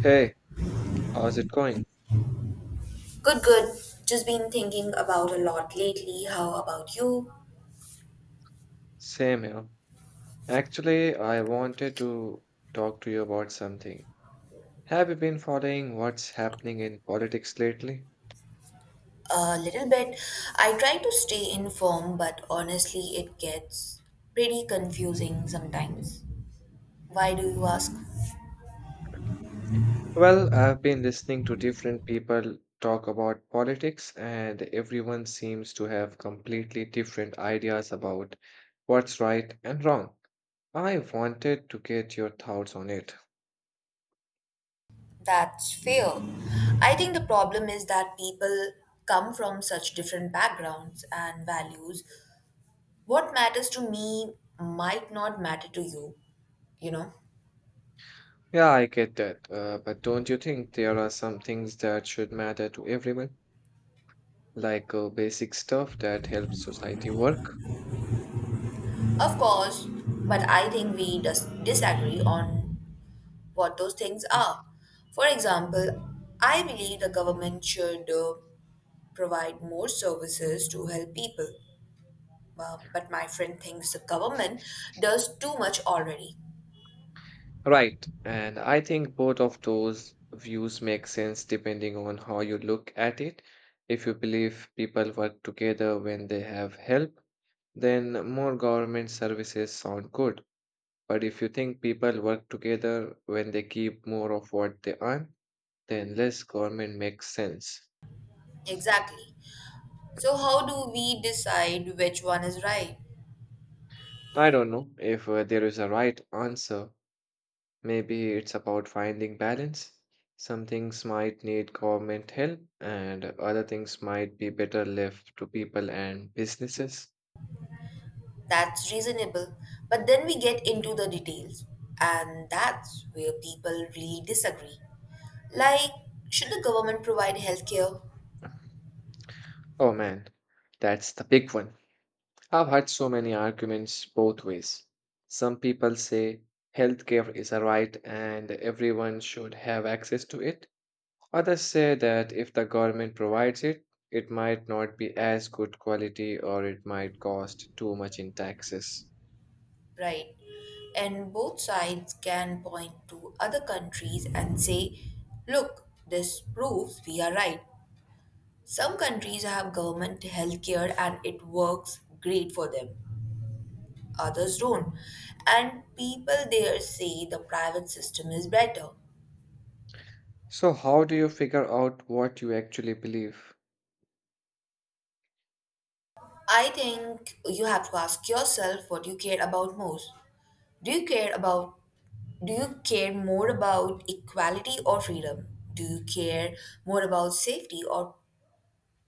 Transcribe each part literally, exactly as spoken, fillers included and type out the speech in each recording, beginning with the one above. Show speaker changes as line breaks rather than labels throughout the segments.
Hey, how's it going?
Good, good. Just been thinking about a lot lately. How about you?
Same here. Actually, I wanted to talk to you about something. Have you been following what's happening in politics lately?
A little bit. I try to stay informed, but honestly, it gets pretty confusing sometimes. Why do you ask?
Well, I've been listening to different people talk about politics, and everyone seems to have completely different ideas about what's right and wrong. I wanted to get your thoughts on it.
That's fair. I think the problem is that people come from such different backgrounds and values. What matters to me might not matter to you, you know?
Yeah, I get that, uh, but don't you think there are some things that should matter to everyone? Like uh, basic stuff that helps society work.
Of course, but I think we dis- disagree on what those things are. For example, I believe the government should uh, provide more services to help people. Uh, but my friend thinks the government does too much already.
Right. And I think both of those views make sense depending on how you look at it. If you believe people work together when they have help, then more government services sound good. But if you think people work together when they keep more of what they earn, then less government makes sense.
Exactly. So, how do we decide which one is right?
I don't know if uh, there is a right answer. Maybe it's about finding balance. Some things might need government help, and other things might be better left to people and businesses.
That's reasonable. But then we get into the details, and that's where people really disagree. Like, should the government provide healthcare?
Oh man, that's the big one. I've had so many arguments both ways. Some people say healthcare is a right and everyone should have access to it. Others say that if the government provides it, it might not be as good quality or it might cost too much in taxes.
Right. And both sides can point to other countries and say, look, this proves we are right. Some countries have government healthcare and it works great for them. Others don't. And people there say the private system is better.
So, how do you figure out what you actually believe?
I think you have to ask yourself what you care about most. Do you care about do you care more about equality or freedom? Do you care more about safety or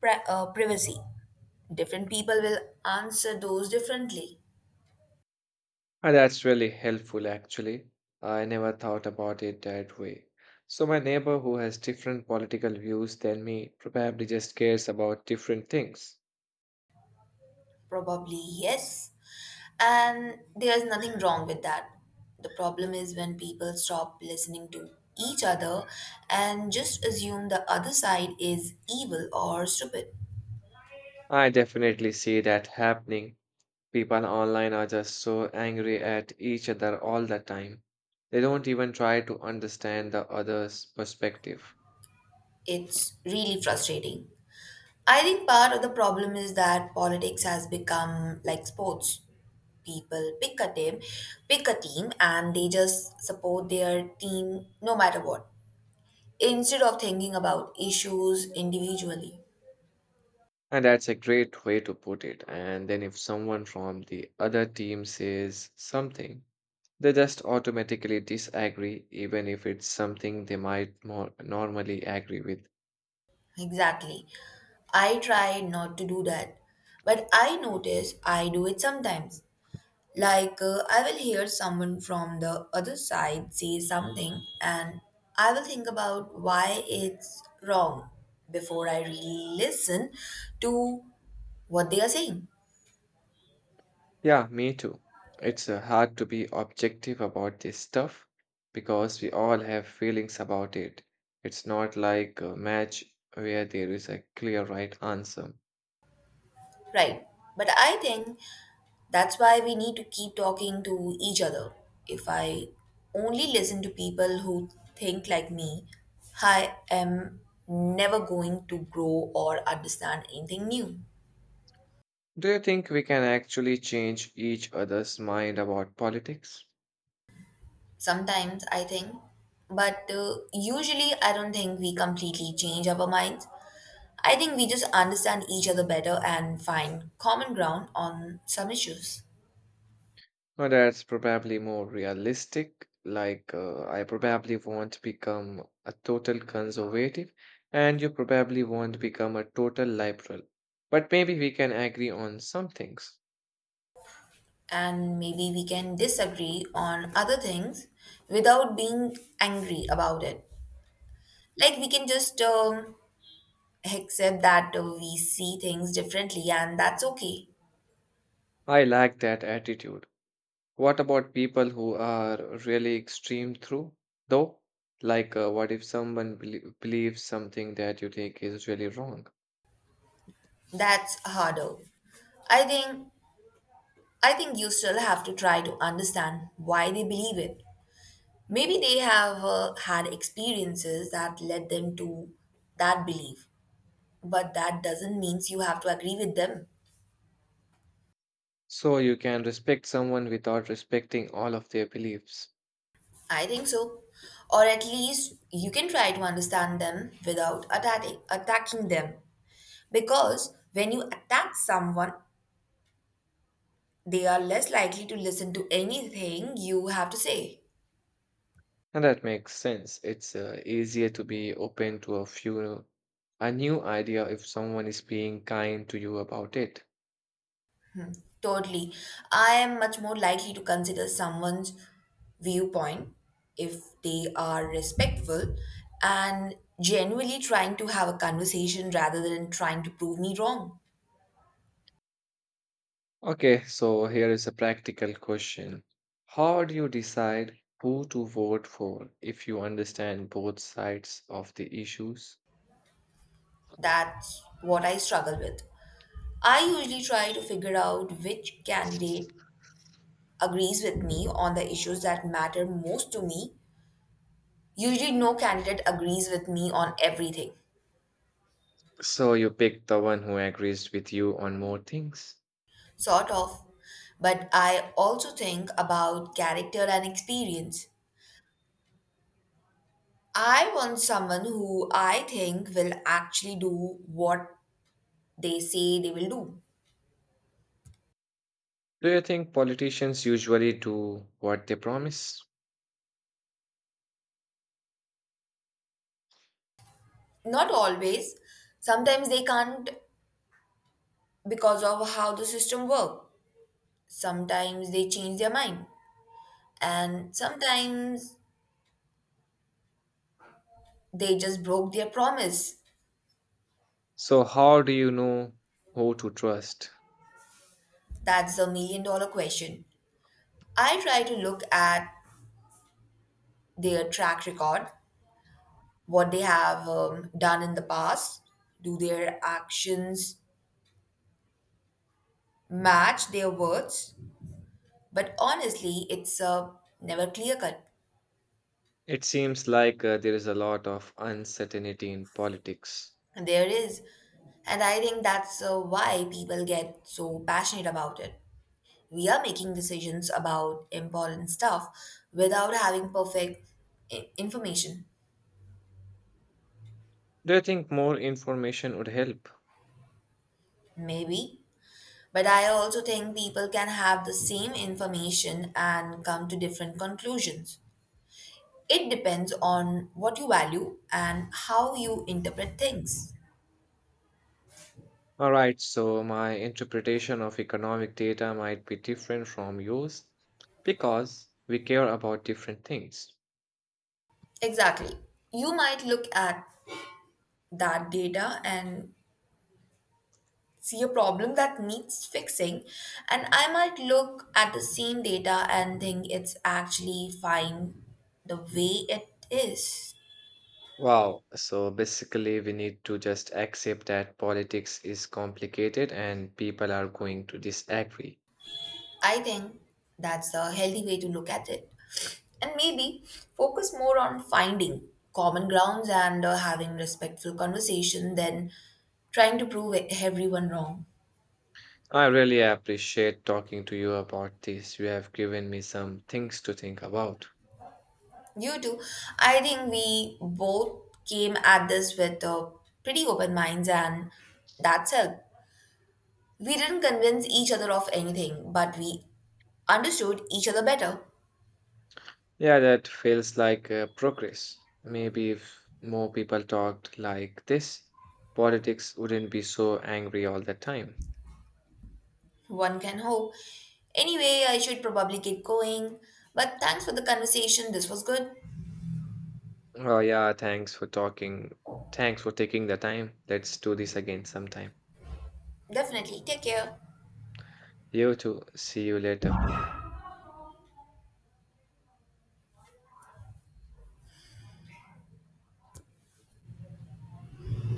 pri- uh, privacy? Different people will answer those differently.
Ah, that's really helpful, actually. I never thought about it that way. So, my neighbor who has different political views than me probably just cares about different things.
Probably yes. And there's nothing wrong with that. The problem is when people stop listening to each other and just assume the other side is evil or stupid.
I definitely see that happening. People online are just so angry at each other all the time. They don't even try to understand the other's perspective.
It's really frustrating. I think part of the problem is that politics has become like sports. People pick a team, pick a team, and they just support their team no matter what, instead of thinking about issues individually.
And that's a great way to put it. And then if someone from the other team says something, they just automatically disagree, even if it's something they might more normally agree with.
Exactly. I try not to do that, but I notice I do it sometimes. Like, uh, I will hear someone from the other side say something, and I will think about why it's wrong before I really listen to what they are saying.
Yeah, me too. It's uh, hard to be objective about this stuff because we all have feelings about it. It's not like a match where there is a clear right answer.
Right. But I think that's why we need to keep talking to each other. If I only listen to people who think like me, I am never going to grow or understand anything new.
Do you think we can actually change each other's mind about politics?
Sometimes I think, but uh, usually I don't think we completely change our minds. I think we just understand each other better and find common ground on some issues.
Well, that's probably more realistic. Like, uh, I probably won't become a total conservative, and you probably won't become a total liberal. But maybe we can agree on some things.
And maybe we can disagree on other things without being angry about it. Like we can just um, accept that uh, we see things differently and that's okay.
I like that attitude. What about people who are really extreme through, though? Like, uh, what if someone belie- believes something that you think is really wrong?
That's harder. I think I think you still have to try to understand why they believe it. Maybe they have uh, had experiences that led them to that belief, but that doesn't mean you have to agree with them.
So you can respect someone without respecting all of their beliefs.
I think so. Or at least you can try to understand them without attacking, attacking them. Because when you attack someone, they are less likely to listen to anything you have to say.
And that makes sense. It's uh, easier to be open to a few a new idea if someone is being kind to you about it.
Totally. I am much more likely to consider someone's viewpoint if they are respectful and genuinely trying to have a conversation rather than trying to prove me wrong.
Okay, so here is a practical question. How do you decide who to vote for if you understand both sides of the issues?
That's what I struggle with. I usually try to figure out which candidate agrees with me on the issues that matter most to me. Usually, no candidate agrees with me on everything,
So you pick the one who agrees with you on more things.
sort of. But I also think about character and experience. I want someone who I think will actually do what they say they will do.
Do you think politicians usually do what they promise?
Not always. Sometimes they can't because of how the system works. Sometimes they change their mind. And sometimes they just broke their promise.
So how do you know who to trust?
That's the million dollar question. I try to look at their track record, what they have um, done in the past. Do their actions match their words? But honestly, it's uh, never clear cut.
It seems like uh, there is a lot of uncertainty in politics.
There is. And I think that's uh, why people get so passionate about it. We are making decisions about important stuff without having perfect i- information.
Do you think more information would help?
Maybe. But I also think people can have the same information and come to different conclusions. It depends on what you value and how you interpret things.
All right, so my interpretation of economic data might be different from yours because we care about different things.
Exactly. You might look at that data and see a problem that needs fixing, and I might look at the same data and think it's actually fine the way it is.
Wow. So basically, we need to just accept that politics is complicated and people are going to disagree.
I think that's a healthy way to look at it, and maybe focus more on finding common grounds and uh, having respectful conversation than trying to prove e- everyone wrong.
I really appreciate talking to you about this. You have given me some things to think about.
You too. I think we both came at this with uh, pretty open minds, and that's it. We didn't convince each other of anything, but we understood each other better.
Yeah, that feels like uh, progress. Maybe if more people talked like this, politics wouldn't be so angry all the time.
One can hope. Anyway, I should probably get going. But thanks for the conversation. This was good.
Oh, yeah, thanks for talking. Thanks for taking the time. Let's do this again sometime.
Definitely. Take care.
You too. See you later.